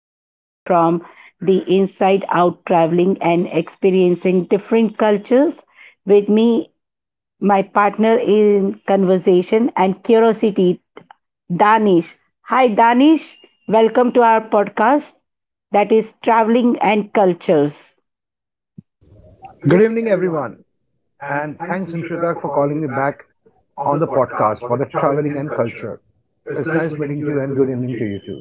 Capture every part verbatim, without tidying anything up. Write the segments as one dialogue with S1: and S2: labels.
S1: a person from the inside out, traveling and experiencing different cultures. With me my partner in conversation and curiosity, Danish. Hi, Danish. Welcome to our podcast that is Traveling and Cultures.
S2: Good evening, everyone, and thanks, Imshita, for calling me back on the podcast for the traveling and culture. It's nice meeting you, and good evening to you too.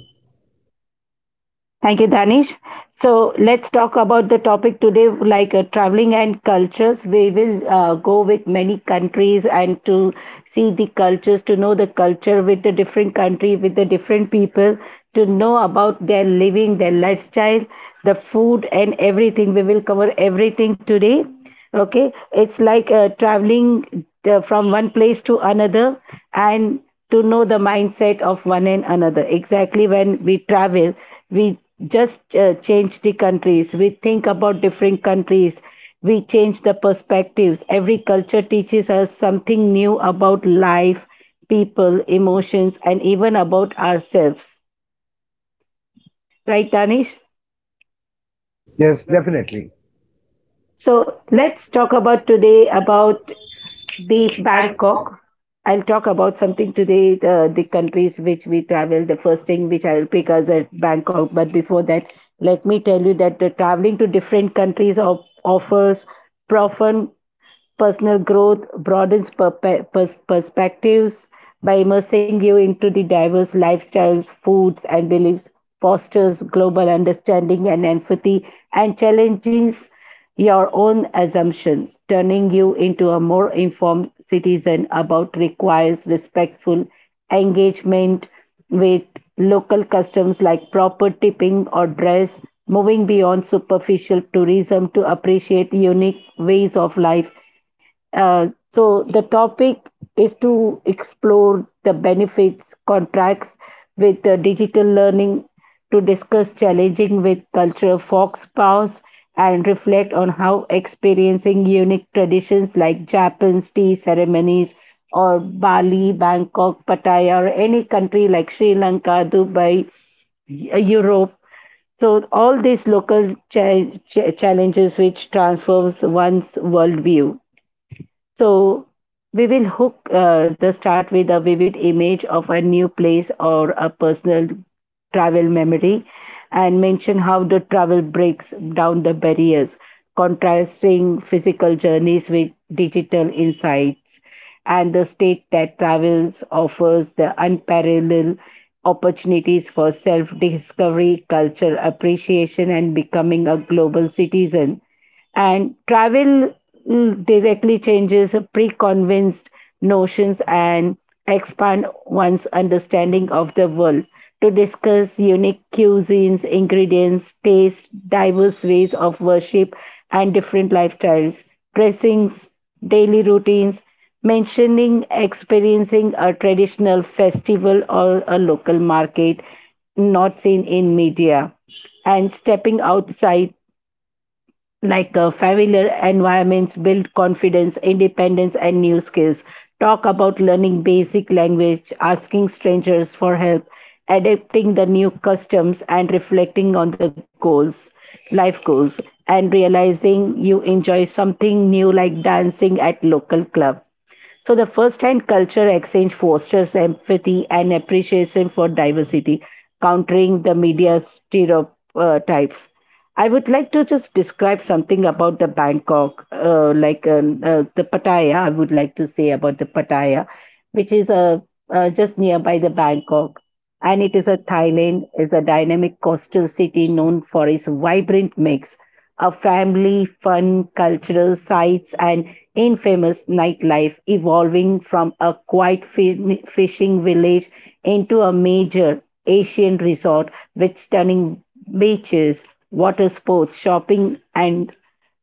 S1: Thank you, Danish. So let's talk about the topic today, like uh, traveling and cultures. We will uh, go with many countries and to see the cultures, to know the culture with the different country, with the different people, to know about their living, their lifestyle, the food, and everything. We will cover everything today. Okay, it's like uh, traveling uh, from one place to another, and to know the mindset of one and another. Exactly, when we travel, we just uh, change the countries. We think about different countries. We change the perspectives. Every culture teaches us something new about life, people, emotions, and even about ourselves, right, danish?
S2: Yes, definitely.
S1: So let's talk about today about the Bangkok. I'll talk about something today, uh, the countries which we travel. The first thing which I will pick is at Bangkok. But before that, let me tell you that the traveling to different countries of, offers profound personal growth, broadens perpe- pers- perspectives by immersing you into the diverse lifestyles, foods, and beliefs, fosters global understanding and empathy, and challenges your own assumptions, turning you into a more informed citizen about requires respectful engagement with local customs like proper tipping or dress, moving beyond superficial tourism to appreciate unique ways of life. Uh, so the topic is to explore the benefits, contracts with uh, digital learning, to discuss challenging with culture fox powers and reflect on how experiencing unique traditions like Japan's tea ceremonies or Bali, Bangkok, Pattaya, or any country like Sri Lanka, Dubai, Eu- Europe. So all these local cha- cha- challenges which transforms one's worldview. So we will hook uh, the start with a vivid image of a new place or a personal travel memory, and mention how the travel breaks down the barriers, contrasting physical journeys with digital insights, and the state that travels offers the unparalleled opportunities for self discovery, culture appreciation, and becoming a global citizen and travel mm, directly changes preconceived notions and expand one's understanding of the world to discuss unique cuisines, ingredients, taste, diverse ways of worship, and different lifestyles, dressings, daily routines, mentioning experiencing a traditional festival or a local market not seen in media and stepping outside like uh, familiar environments build confidence, independence, and new skills. Talk about learning basic language, asking strangers for help, adapting the new customs, and reflecting on the goals, life goals, and realizing you enjoy something new like dancing at local club. So the first-hand culture exchange fosters empathy and appreciation for diversity, countering the media stereotypes. I would like to just describe something about the Bangkok, uh, like uh, uh, the Pattaya. I would like to say about the Pattaya, which is uh, uh, just nearby the Bangkok, and it is a Thailand is a dynamic coastal city known for its vibrant mix of family, fun, cultural sites, and infamous nightlife, evolving from a quiet fi- fishing village into a major Asian resort with stunning beaches, water sports, shopping, and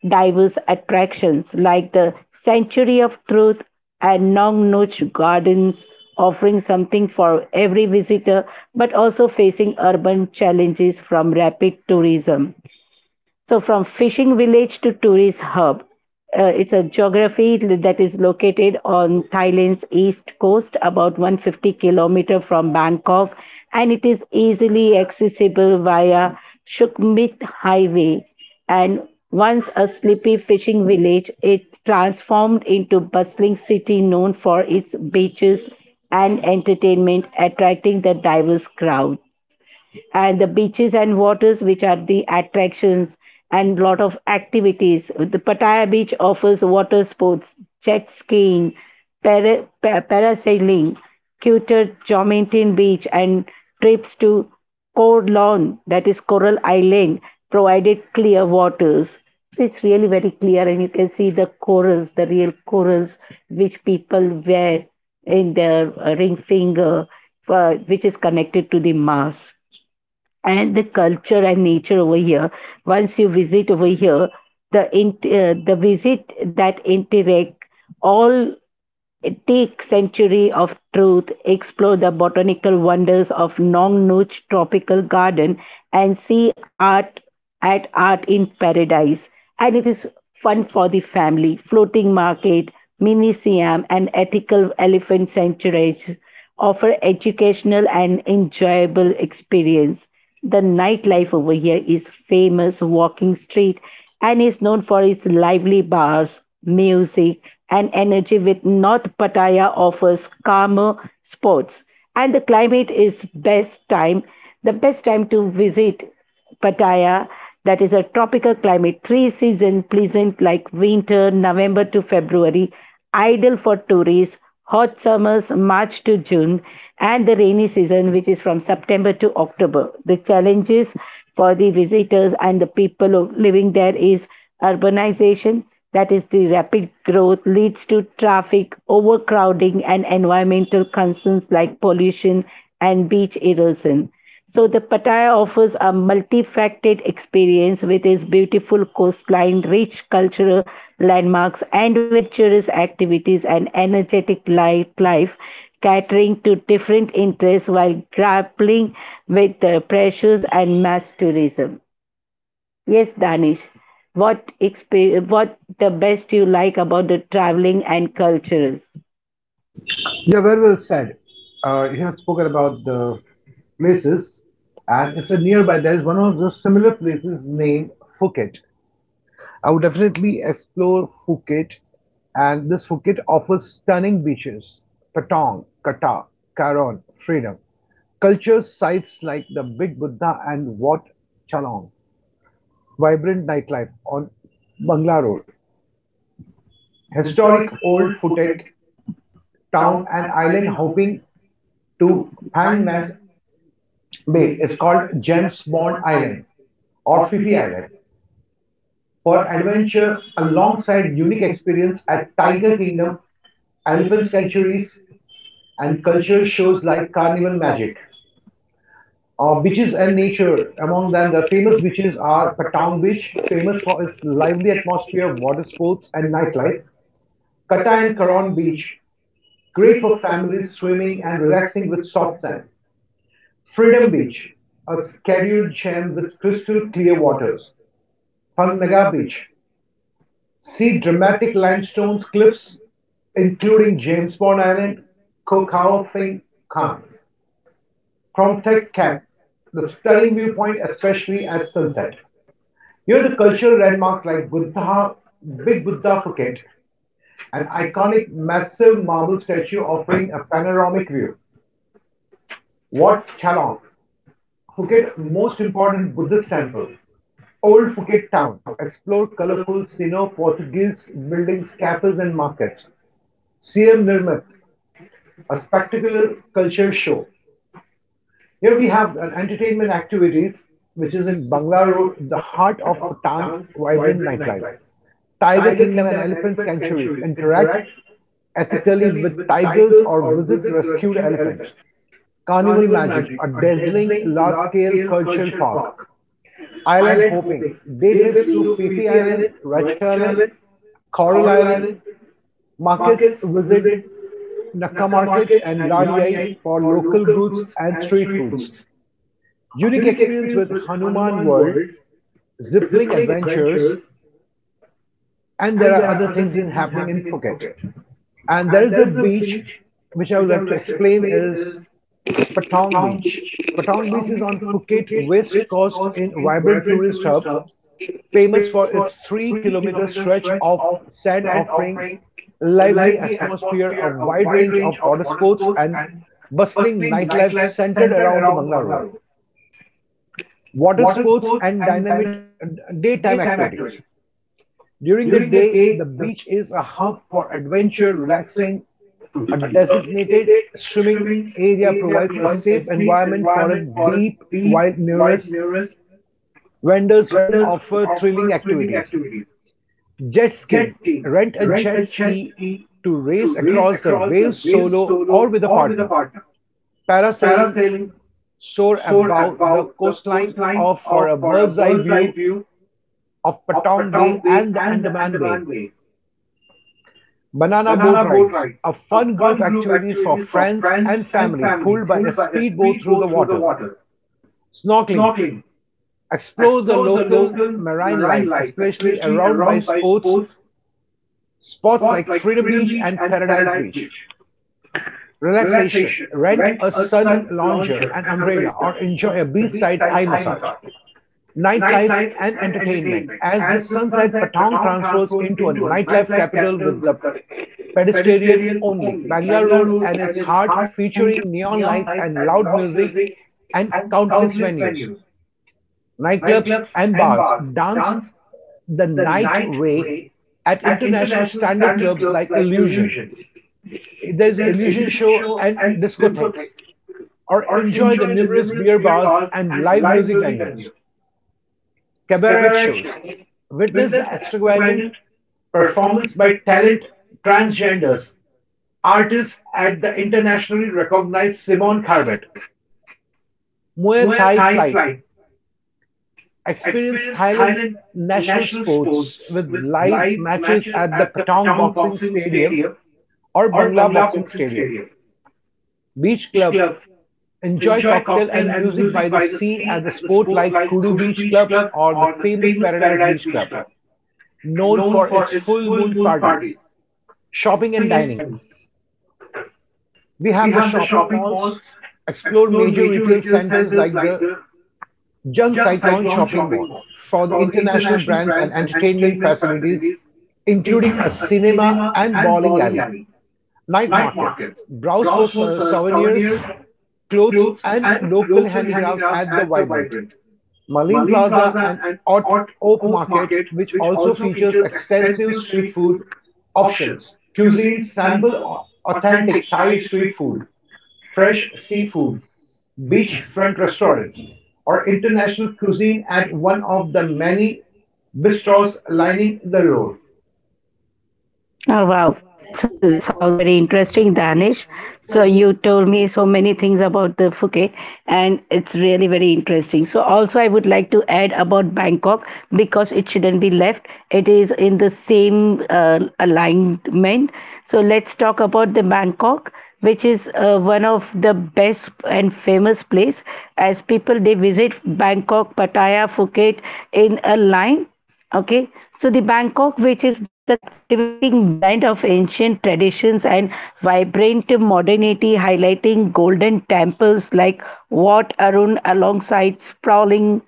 S1: diverse attractions like the Sanctuary of Truth and Nong Nuch Gardens offering something for every visitor but also facing urban challenges from rapid tourism. So, from fishing village to tourist hub, uh, it's a geography that is located on Thailand's east coast, about one hundred fifty kilometer from Bangkok, and it is easily accessible via Sukhumvit Highway. And once a sleepy fishing village, it transformed into bustling city known for its beaches and entertainment, attracting the diverse crowd, and the beaches and waters which are the attractions, and lot of activities. The pattaya beach offers water sports, jet skiing, para, pa- parasailing, cuter Jomintin beach, and trips to Corlawn, that is Coral Island, provided clear waters. It's really very clear, and you can see the corals, the real corals, which people wear in their uh, ring finger, uh, which is connected to the mass and the culture and nature over here. Once you visit over here, the int uh, the visit that interact all take century of truth, explore the botanical wonders of Nong Nuch tropical garden, and see art at art in paradise. And it is fun for the family, floating market, mini siam, and ethical elephant sanctuaries offer educational and enjoyable experience. The nightlife over here is famous walking street and is known for its lively bars, music, and energy with North Pattaya offers calmer sports. And the climate is best time, the best time to visit Pattaya, that is a tropical climate, three season pleasant like winter, November to February, ideal for tourists, hot summers, March to June, and the rainy season, which is from September to October. The challenges for the visitors and the people living there is urbanization, that is, the rapid growth leads to traffic, overcrowding, and environmental concerns like pollution and beach erosion. So the Pattaya offers a multifaceted experience with its beautiful coastline, rich cultural landmarks, adventurous activities, and energetic li- life, catering to different interests while grappling with the pressures and mass tourism. Yes, Danish, what exper- what the best you like about the traveling and cultures?
S2: Yeah, very well said. Uh, you have spoken about the places, and it's a nearby. There is one of the similar places named Phuket. I would definitely explore Phuket, and this Phuket offers stunning beaches, Patong, Kata, Karon, Freedom, culture sites like the Big Buddha and Wat Chalong, vibrant nightlife on Bangla Road, historic old Phuket town and island hopping to Phang Nhat Bay is called James Bond Island or Phi Phi Island for adventure alongside unique experience at Tiger Kingdom, elephant sanctuaries, and cultural shows like Carnival Magic. Uh, beaches and nature. Among them, the famous beaches are Patong Beach, famous for its lively atmosphere, water sports, and nightlife. Kata and Karon Beach, great for families swimming and relaxing with soft sand. Freedom Beach, a scheduled gem with crystal clear waters. Phang Nga Beach, see dramatic limestone cliffs including James Bond Island, Ko Khao Phing Khang, Kromthek Khat, the stunning viewpoint especially at sunset. Here are the cultural landmarks like Buddha, Big Buddha Phuket, an iconic massive marble statue offering a panoramic view. Wat Chalong, Phuket most important Buddhist temple. Old Phuket town, explore colorful Sino-Portuguese buildings, cafes and markets. C M Nirmat, a spectacular culture show. Here we have an entertainment activities which is in Bangla Road, the heart of Patang vibrant nightlife. Tiger Kingdom and Elephant Sanctuaries interact ethically with tigers or visits rescued elephants. Carnival Magic, a dazzling large-scale cultural park. Island hopping, day trips to Fifi Island, Racha Island, Coral Island, markets visit Nakka Market and Ladiai for local goods and street foods. Unique experience with Hanuman World, Zipline Adventures, and there are other things in happening in Phuket. And there is a beach which I would like to explain is Patong Beach. Patong Beach is on Phuket West Coast in vibrant tourist hub famous for its three-kilometer stretch of sand offering a lively atmosphere, a wide range of water sports and bustling nightlife centered around the Bangla Road, water sports and dynamic uh, daytime activities. During the day, the beach is a hub for adventure, relaxing. A designated swimming area provides a safe environment for a deep, while numerous vendors offer thrilling activities. Jet skiing. Rent a jet ski to race across the waves solo or with a partner. Parasailing. Soar above the coastline of for a bird's eye view of Patong Bay and the Andaman Bay. Banana boat rides. A fun group activities for friends and family pulled by a speedboat through the water. Snorkeling. Explore the local marine life, especially around by sports spots like Freedom Beach and Paradise Beach. Relaxation, rent a sun lounger, an umbrella, or enjoy a beachside Thai massage. Nightlife and entertainment. As the sunset, Patong transforms into a nightlife capital with the pedestrian only. Bangla Road and its heart featuring neon lights and loud music and countless venues, nightclubs and bars. Dance the night way at international standard clubs like Illusion. There's illusion show and discotheques, or enjoy the numerous beer bars and live music venues, cabaret shows. Witness the extravagant performance by talent transgenders artists at the internationally recognized Simon Carbet, Muay Thai Flight. Experience Thailand national sports with live matches at the Patong Boxing Stadium or Bangla Boxing Stadium. Beach Club. Enjoy cocktail and music by the sea at the sport like Kudu Beach Club or the famous Paradise Beach Club, known for its full moon parties. Shopping and dining. We have the shopping malls, explore major retail centers like the Jung Cyclone Shopping Mall for the international brands and entertainment facilities, including a cinema and bowling alley. Night markets, browse for souvenirs, clothes, and local handicrafts at the vibrant Malin Plaza and Ott Oak Market, which also features extensive street food options. Cuisines sample authentic Thai street food, fresh seafood, beachfront restaurants, or international cuisine at one of the many bistros lining the road.
S1: Oh, wow. That's uh, that sounds very interesting, Danish. So you told me so many things about the Phuket, and it's really very interesting. So also, I would like to add about Bangkok because it shouldn't be left. It is in the same uh, alignment. So let's talk about the Bangkok, which is uh, one of the best and famous place as people they visit Bangkok, Pattaya, Phuket in a line. Okay, so the Bangkok, which is the captivating blend of ancient traditions and vibrant modernity, highlighting golden temples like Wat Arun alongside sprawling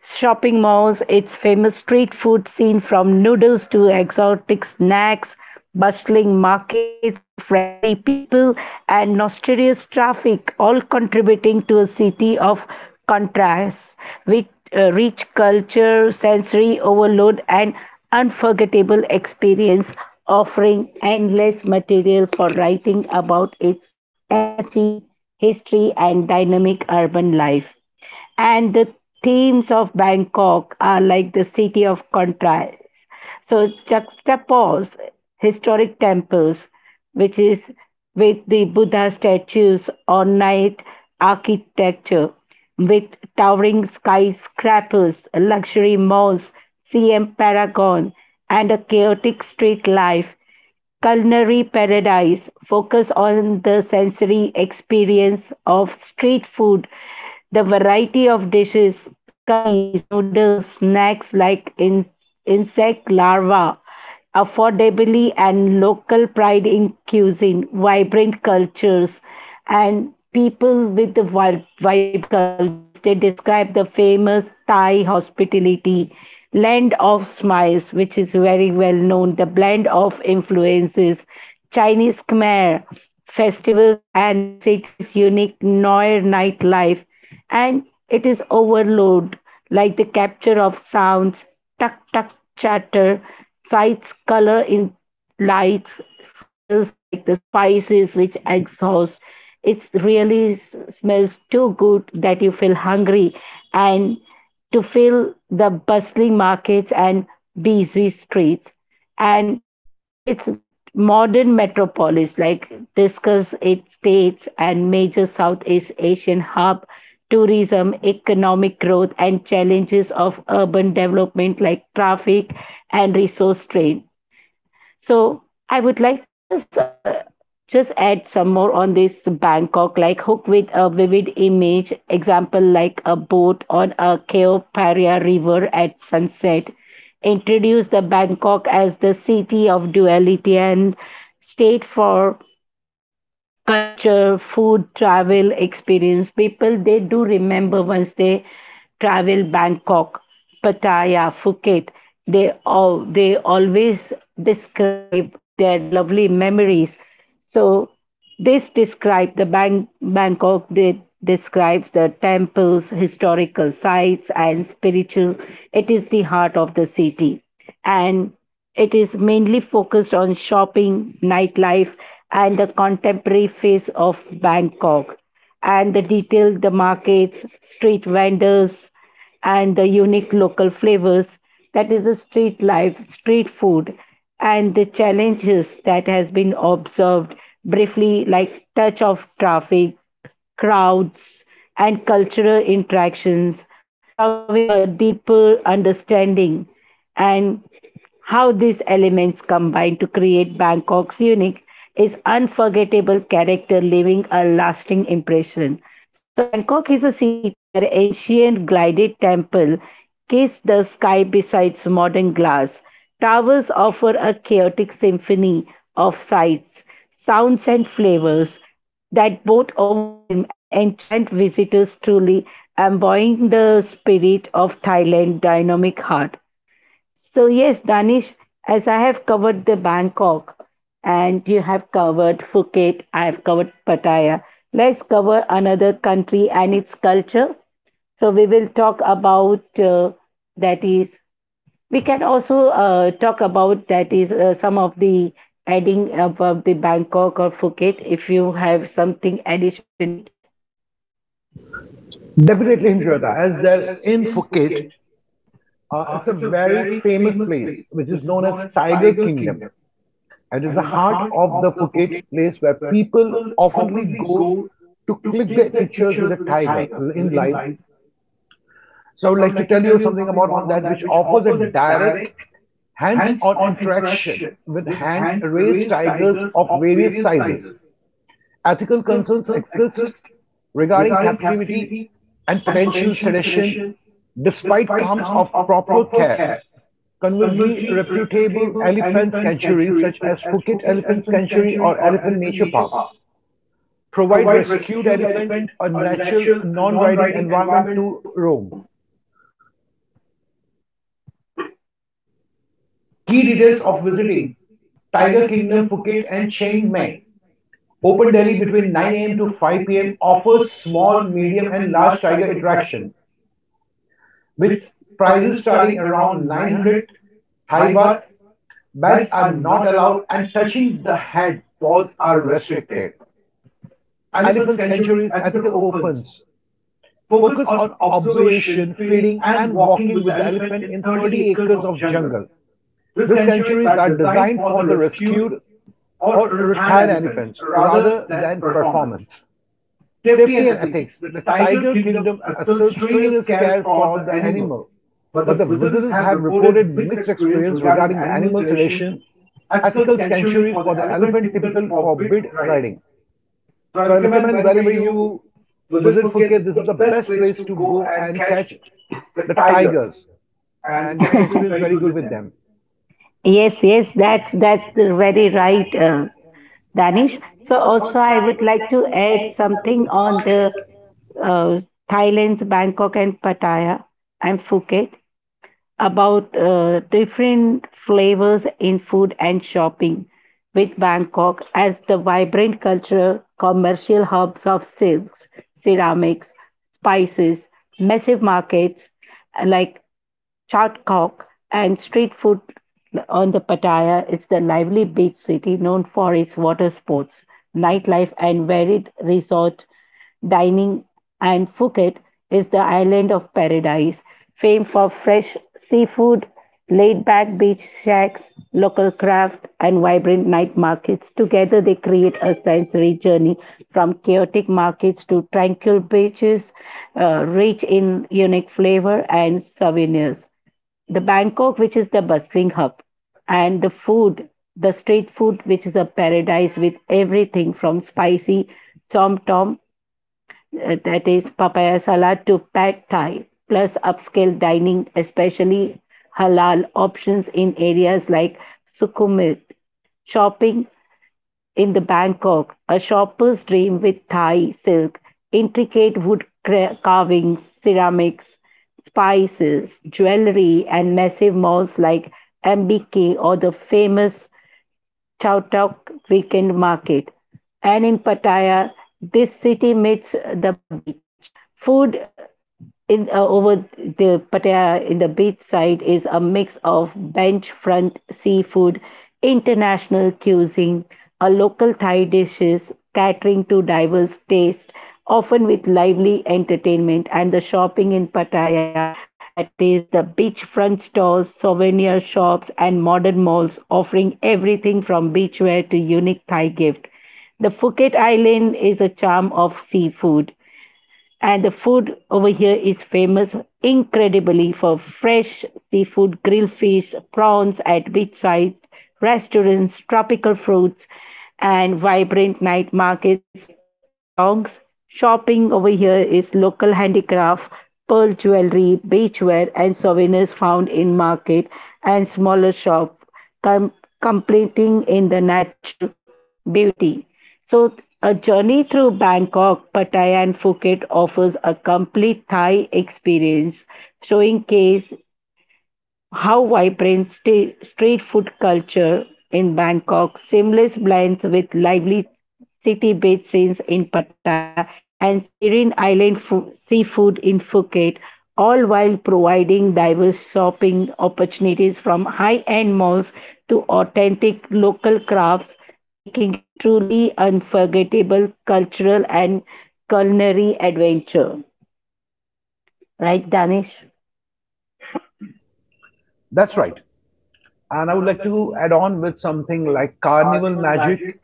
S1: shopping malls, its famous street food scene from noodles to exotic snacks, bustling markets, friendly people, and notorious traffic, all contributing to a city of contrasts with uh, rich culture, sensory overload, and unforgettable experience, offering endless material for writing about its energy, history, and dynamic urban life, and the themes of Bangkok are like the city of contrast, so juxtapose historic temples, which is with the Buddha statues or night architecture, with towering skyscrapers, luxury malls, C M Paragon, and a chaotic street life. Culinary Paradise focus on the sensory experience of street food. The variety of dishes, curries, noodles, snacks like in- insect larvae, affordably and local pride in cuisine, vibrant cultures, and people with the vi- vibrant cultures. They describe the famous thai hospitality, land of smiles, which is very well known, the blend of influences chinese, khmer festivals, and the city's unique noir nightlife. And it is overload, like the capture of sounds, tuck tuck chatter, sights, color in lights, smells like the spices which exhaust. It really s- smells too good that you feel hungry, and to fill the bustling markets and busy streets, and it's modern metropolis like discuss eight states and major Southeast Asian hub, tourism, economic growth, and challenges of urban development like traffic and resource strain. So I would like to just uh, just add some more on this Bangkok, like hook with a vivid image, example like a boat on a Khao Phraya river at sunset. Introduce the Bangkok as the city of duality and state for culture, food, travel experience. People they do remember once they travel Bangkok, Pattaya, Phuket. They all they always describe their lovely memories. So this describes the Bang- Bangkok. They describes the temples, historical sites, and spiritual. It is the heart of the city, and it is mainly focused on shopping, nightlife, and the contemporary face of Bangkok, and the detail, the markets, street vendors, and the unique local flavors. That is the street life, street food, and the challenges that has been observed briefly, like touch of traffic, crowds, and cultural interactions, showing a deeper understanding and how these elements combine to create Bangkok's unique is unforgettable character leaving a lasting impression. So the Bangkok is a city where ancient gilded temple kiss the sky besides modern glass. Towers offer a chaotic symphony of sights, sounds and flavors that both overwhelm and enchant visitors truly embodying the spirit of Thailand's dynamic heart. So, yes, Danish, as I have covered the Bangkok and you have covered Phuket, I have covered Pattaya. Let's cover another country and its culture. So, we will talk about uh, that is, we can also uh, talk about that is uh, some of the adding about the Bangkok or Phuket if you have something addition to it.
S2: Definitely Himshweta, as they're in Phuket. Uh, it's a very famous place which is known as Tiger Kingdom. It is the heart of the Phuket place where people oftenly go to click the pictures with a tiger in live. So I would like to tell you something about on that which offers a direct hands-on interaction with hand-raised tigers of various sizes; ethical concerns exist regarding captivity and potential sedation, despite claims of proper care. Conversely, reputable elephant sanctuaries such as Phuket Elephant Sanctuary or Elephant Nature Park provide rescued elephant a natural, non-riding environment to roam. Key details of visiting Tiger Kingdom Phuket and Chiang Mai. Open Delhi between nine a m to five p m offers small, medium, and large tiger attraction with prices starting around nine hundred Thai baht. Bags are not allowed, and touching the head paws are restricted. Elephant sanctuaries, ethical opens, focus on observation, feeding, and walking with the elephant in thirty acres of jungle. These sanctuaries are designed for the rescued or retired elephants rather than performance. Safety and ethics. The tiger kingdom asserts trainers care for the animal, but the visitors have reported mixed experience regarding the animal sedation. Ethical sanctuaries for the elephant typical forbid riding. So I recommend whenever you visit Phuket, this is the best place to go and catch the tigers, and you can experience very good with them.
S1: Yes, yes, that's that's the very right, uh, Danish. So also I would like to add something on the uh, Thailand's Bangkok and Pattaya and Phuket about uh, different flavors in food and shopping, with Bangkok as the vibrant cultural commercial hubs of silks, ceramics, spices, massive markets uh, like Chot Kok and street food on the Pattaya. It's the lively beach city known for its water sports, nightlife, and varied resort dining, and Phuket is the island of paradise, famed for fresh seafood, laid back beach shacks, local craft, and vibrant night markets. Together, they create a sensory journey from chaotic markets to tranquil beaches, uh, rich in unique flavor and souvenirs the Bangkok, which is the bustling hub, and the food, the street food, which is a paradise with everything from spicy tom tom uh, that is papaya salad to pad thai, plus upscale dining, especially halal options in areas like Sukhumvit. Shopping in the Bangkok, a shopper's dream with Thai silk, intricate wood cra- carvings, ceramics, spices, jewelry, and massive malls like M B K or the famous Chowtok weekend market. And in Pattaya, this city meets the beach. Food in uh, over the Pattaya in the beach side is a mix of bench front seafood, international cuisine, a local Thai dishes catering to diverse tastes, often with lively entertainment, and the shopping in Pattaya. That is the beachfront stores, souvenir shops, and modern malls offering everything from beachwear to unique Thai gift. The Phuket Island is a charm of seafood and the food over here is famous incredibly for fresh seafood, grilled fish, prawns at beachside restaurants, tropical fruits, and vibrant night markets like Patong's. Shopping over here is local handicraft, pearl jewelry, beachwear, and souvenirs found in market and smaller shop com- completing in the natural beauty. So, a journey through Bangkok, Pattaya, and Phuket offers a complete Thai experience, showing case how vibrant sta- street food culture in Bangkok, seamless blends with lively city based scenes in Pattaya and serene island fu- seafood in Phuket, all while providing diverse shopping opportunities from high-end malls to authentic local crafts, making it truly unforgettable cultural and culinary adventure. Right, Danish?
S2: That's right. And I would like to add on with something like carnival magic,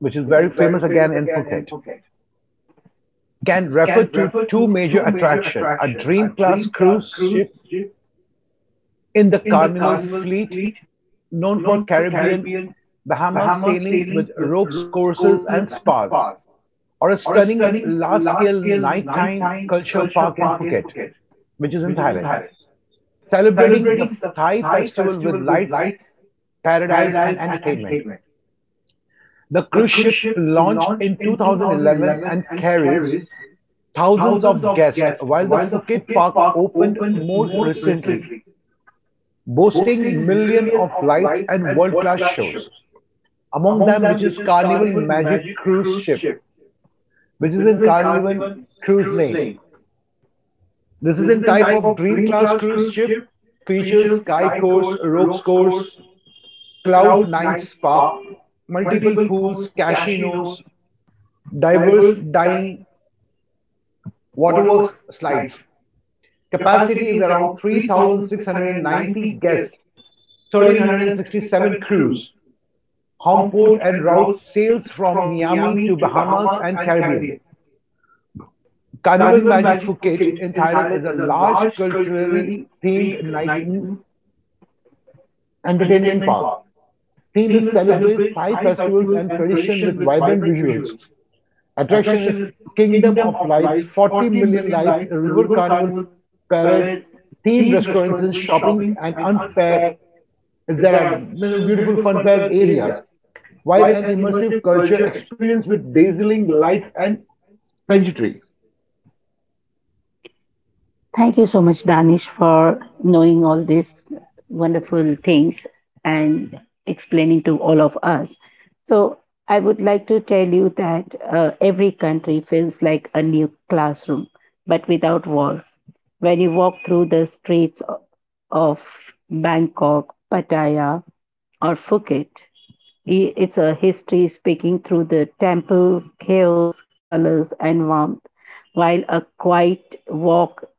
S2: which is very famous again in Phuket. Can refer to two major attractions: a Dream-class cruise ship in the Carnival Fleet known for Caribbean Bahamas sailing with ropes courses and spas, or a stunning large-scale nighttime culture park in Phuket, which is in Thailand, celebrating the Thai festival with lights, paradise, and entertainment. The cruise ship launched in two thousand eleven and carries thousands of guests, while the Phuket Park opened more recently, boasting millions of lights and world-class shows. Among them, which is Carnival Magic Cruise Ship, which is in Carnival Cruise Lane. This is in type of Dream Class cruise ship, features sky course, ropes course, cloud nine spa, multiple pools, casinos, diverse dining Waterworks slides. Capacity is around three thousand six hundred ninety guests, one thousand three hundred sixty-seven crews. Home port and routes sails from Miami to Bahamas and Caribbean. Carnival Magic Phuket in Thailand is a large culturally themed night entertainment park. Theme is celebrates Thai festivals and tradition with vibrant visuals. Attraction is Kingdom of Lights, forty million lights, a river carnival parade, themed restaurants and shopping and unfair. There are beautiful fun fair areas. Vibe and immersive culture experience with dazzling lights and pageantry.
S1: Thank you so much, Danish, for knowing all these wonderful things and explaining to all of us. So, I would like to tell you that uh, every country feels like a new classroom, but without walls. When you walk through the streets o- of Bangkok, Pattaya, or Phuket, i- it's a history speaking through the temples, chaos, colors, and warmth, while a quiet walk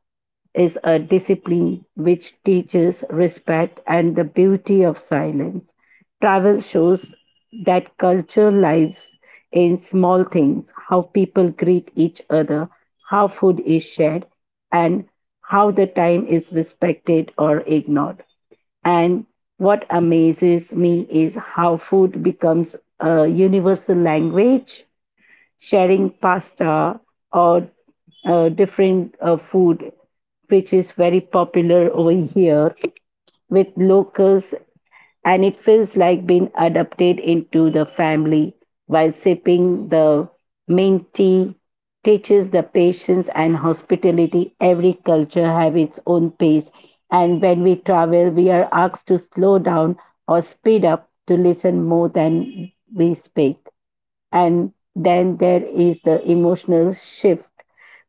S1: is a discipline which teaches respect and the beauty of silence. Travel shows that culture lives in small things how people greet each other, how food is shared, and how the time is respected or ignored. And what amazes me is how food becomes a universal language. Sharing pasta or uh, different uh, food which is very popular over here with locals and it feels like being adopted into the family while sipping the mint tea teaches the patience and hospitality every culture have its own pace and when we travel we are asked to slow down or speed up to listen more than we speak and then there is the emotional shift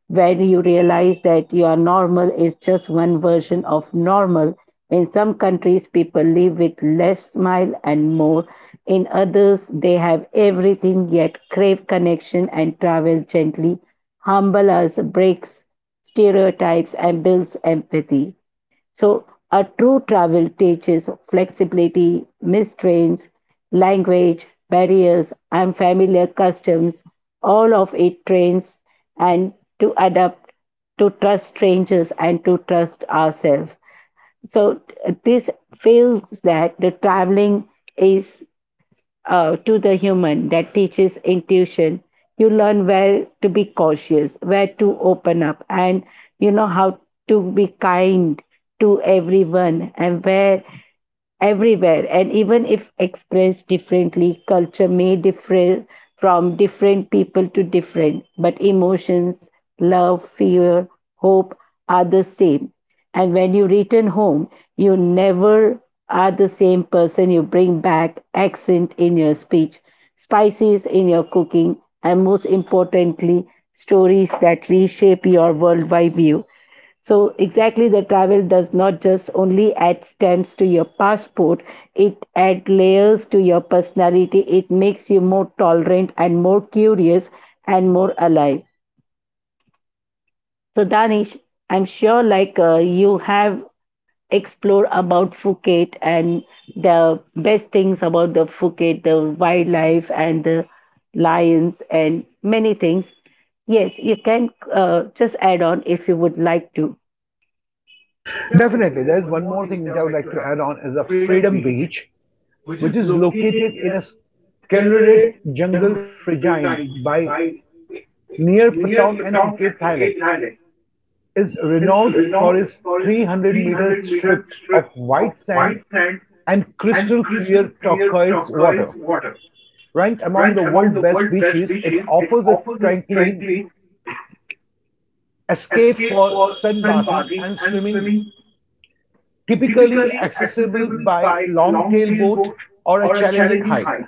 S1: when you realize that your normal is just one version of normal. In some countries, people live with less smile and more. In others, they have everything yet crave connection and travel gently. Humble us breaks stereotypes and builds empathy. So, a true travel teaches flexibility, mistrains, language, barriers, unfamiliar customs. All of it trains and to adapt, to trust strangers, and to trust ourselves. So, t- this feels that the traveling is uh, to the human that teaches intuition. You learn where to be cautious, where to open up, and you know how to be kind to everyone, and where everywhere and even if expressed differently culture may differ from different people to different but emotions love fear hope are the same and when you return home you never are the same person you bring back accent in your speech spices in your cooking and most importantly stories that reshape your worldwide view so exactly the travel does not just only add stamps to your passport, it adds layers to your personality. It makes you more tolerant and more curious and more alive. So Danish, I'm sure like uh, you have explored about Phuket and the best things about the Phuket, the wildlife and the lions and many things. Yes, you can uh, just add on if you would like to.
S2: Definitely, there is one more thing which I would like to add on is a Freedom Beach, which is located in a secluded jungle fringed by near Patong and Phuket, Thailand. Is renowned for its three hundred-meter strip of white sand and crystal-clear turquoise water. Ranked among the world's best beaches, it offers a tranquil escape for sunbathing and swimming, typically accessible by long tailboat or a challenging hike.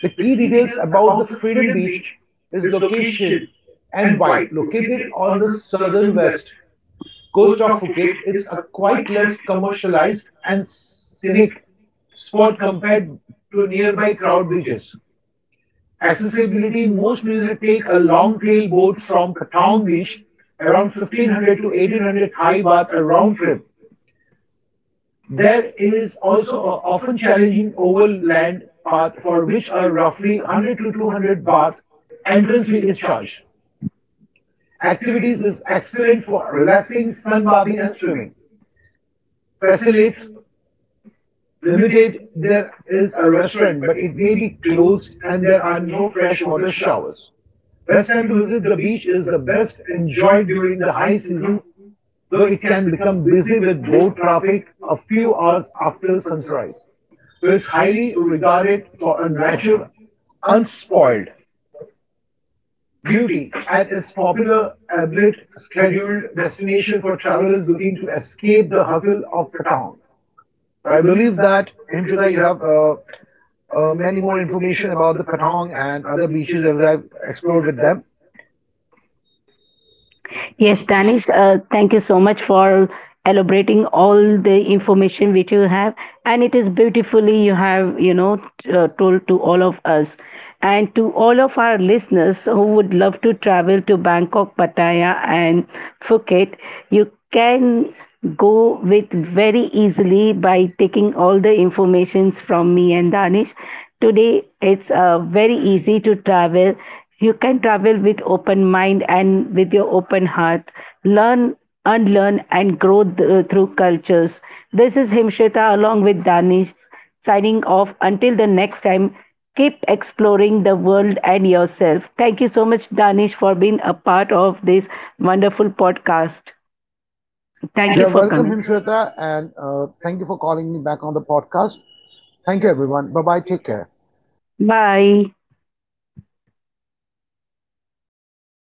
S2: The key details about the Freedom Beach is location and vibe. Located on the southern west coast of Phuket, it's a quite less commercialized and scenic spot compared to nearby crowd beaches. Accessibility most visitors take a long tail boat from Patong Beach around fifteen hundred to eighteen hundred Thai baht a round trip, there is also a often challenging overland path for which a roughly one hundred to two hundred baht entrance fee is charged. Activities is excellent for relaxing, sunbathing and swimming. Facilitates limited, there is a restaurant, but it may be closed and there are no freshwater showers. Best time to visit the beach is the best enjoyed during the high season, though it can become busy with boat traffic a few hours after sunrise. So it's highly regarded for a natural, unspoiled beauty and its popular ablet scheduled destination for travelers looking to escape the hustle of Patong. So I believe that, Himshita, you have uh, uh, many more information about the Patong and other beaches as I've explored with them.
S1: Yes, Danish, uh, thank you so much for elaborating all the information which you have. And it is beautifully you have, you know, t- uh, told to all of us. And to all of our listeners who would love to travel to Bangkok, Pattaya, and Phuket, you can go with very easily by taking all the informations from me and Danish. Today, it's uh, very easy to travel you can travel with open mind and with your open heart learn unlearn and grow th- through cultures. This is Himshita along with Danish, signing off until the next time. Keep exploring the world and yourself. Thank you so much, Danish, for being a part of this wonderful podcast. Thank you
S2: You're
S1: for
S2: welcome,
S1: coming.
S2: Himshweta, and uh, thank you for calling me back on the podcast. Thank you, everyone. Bye bye. Take care.
S1: Bye.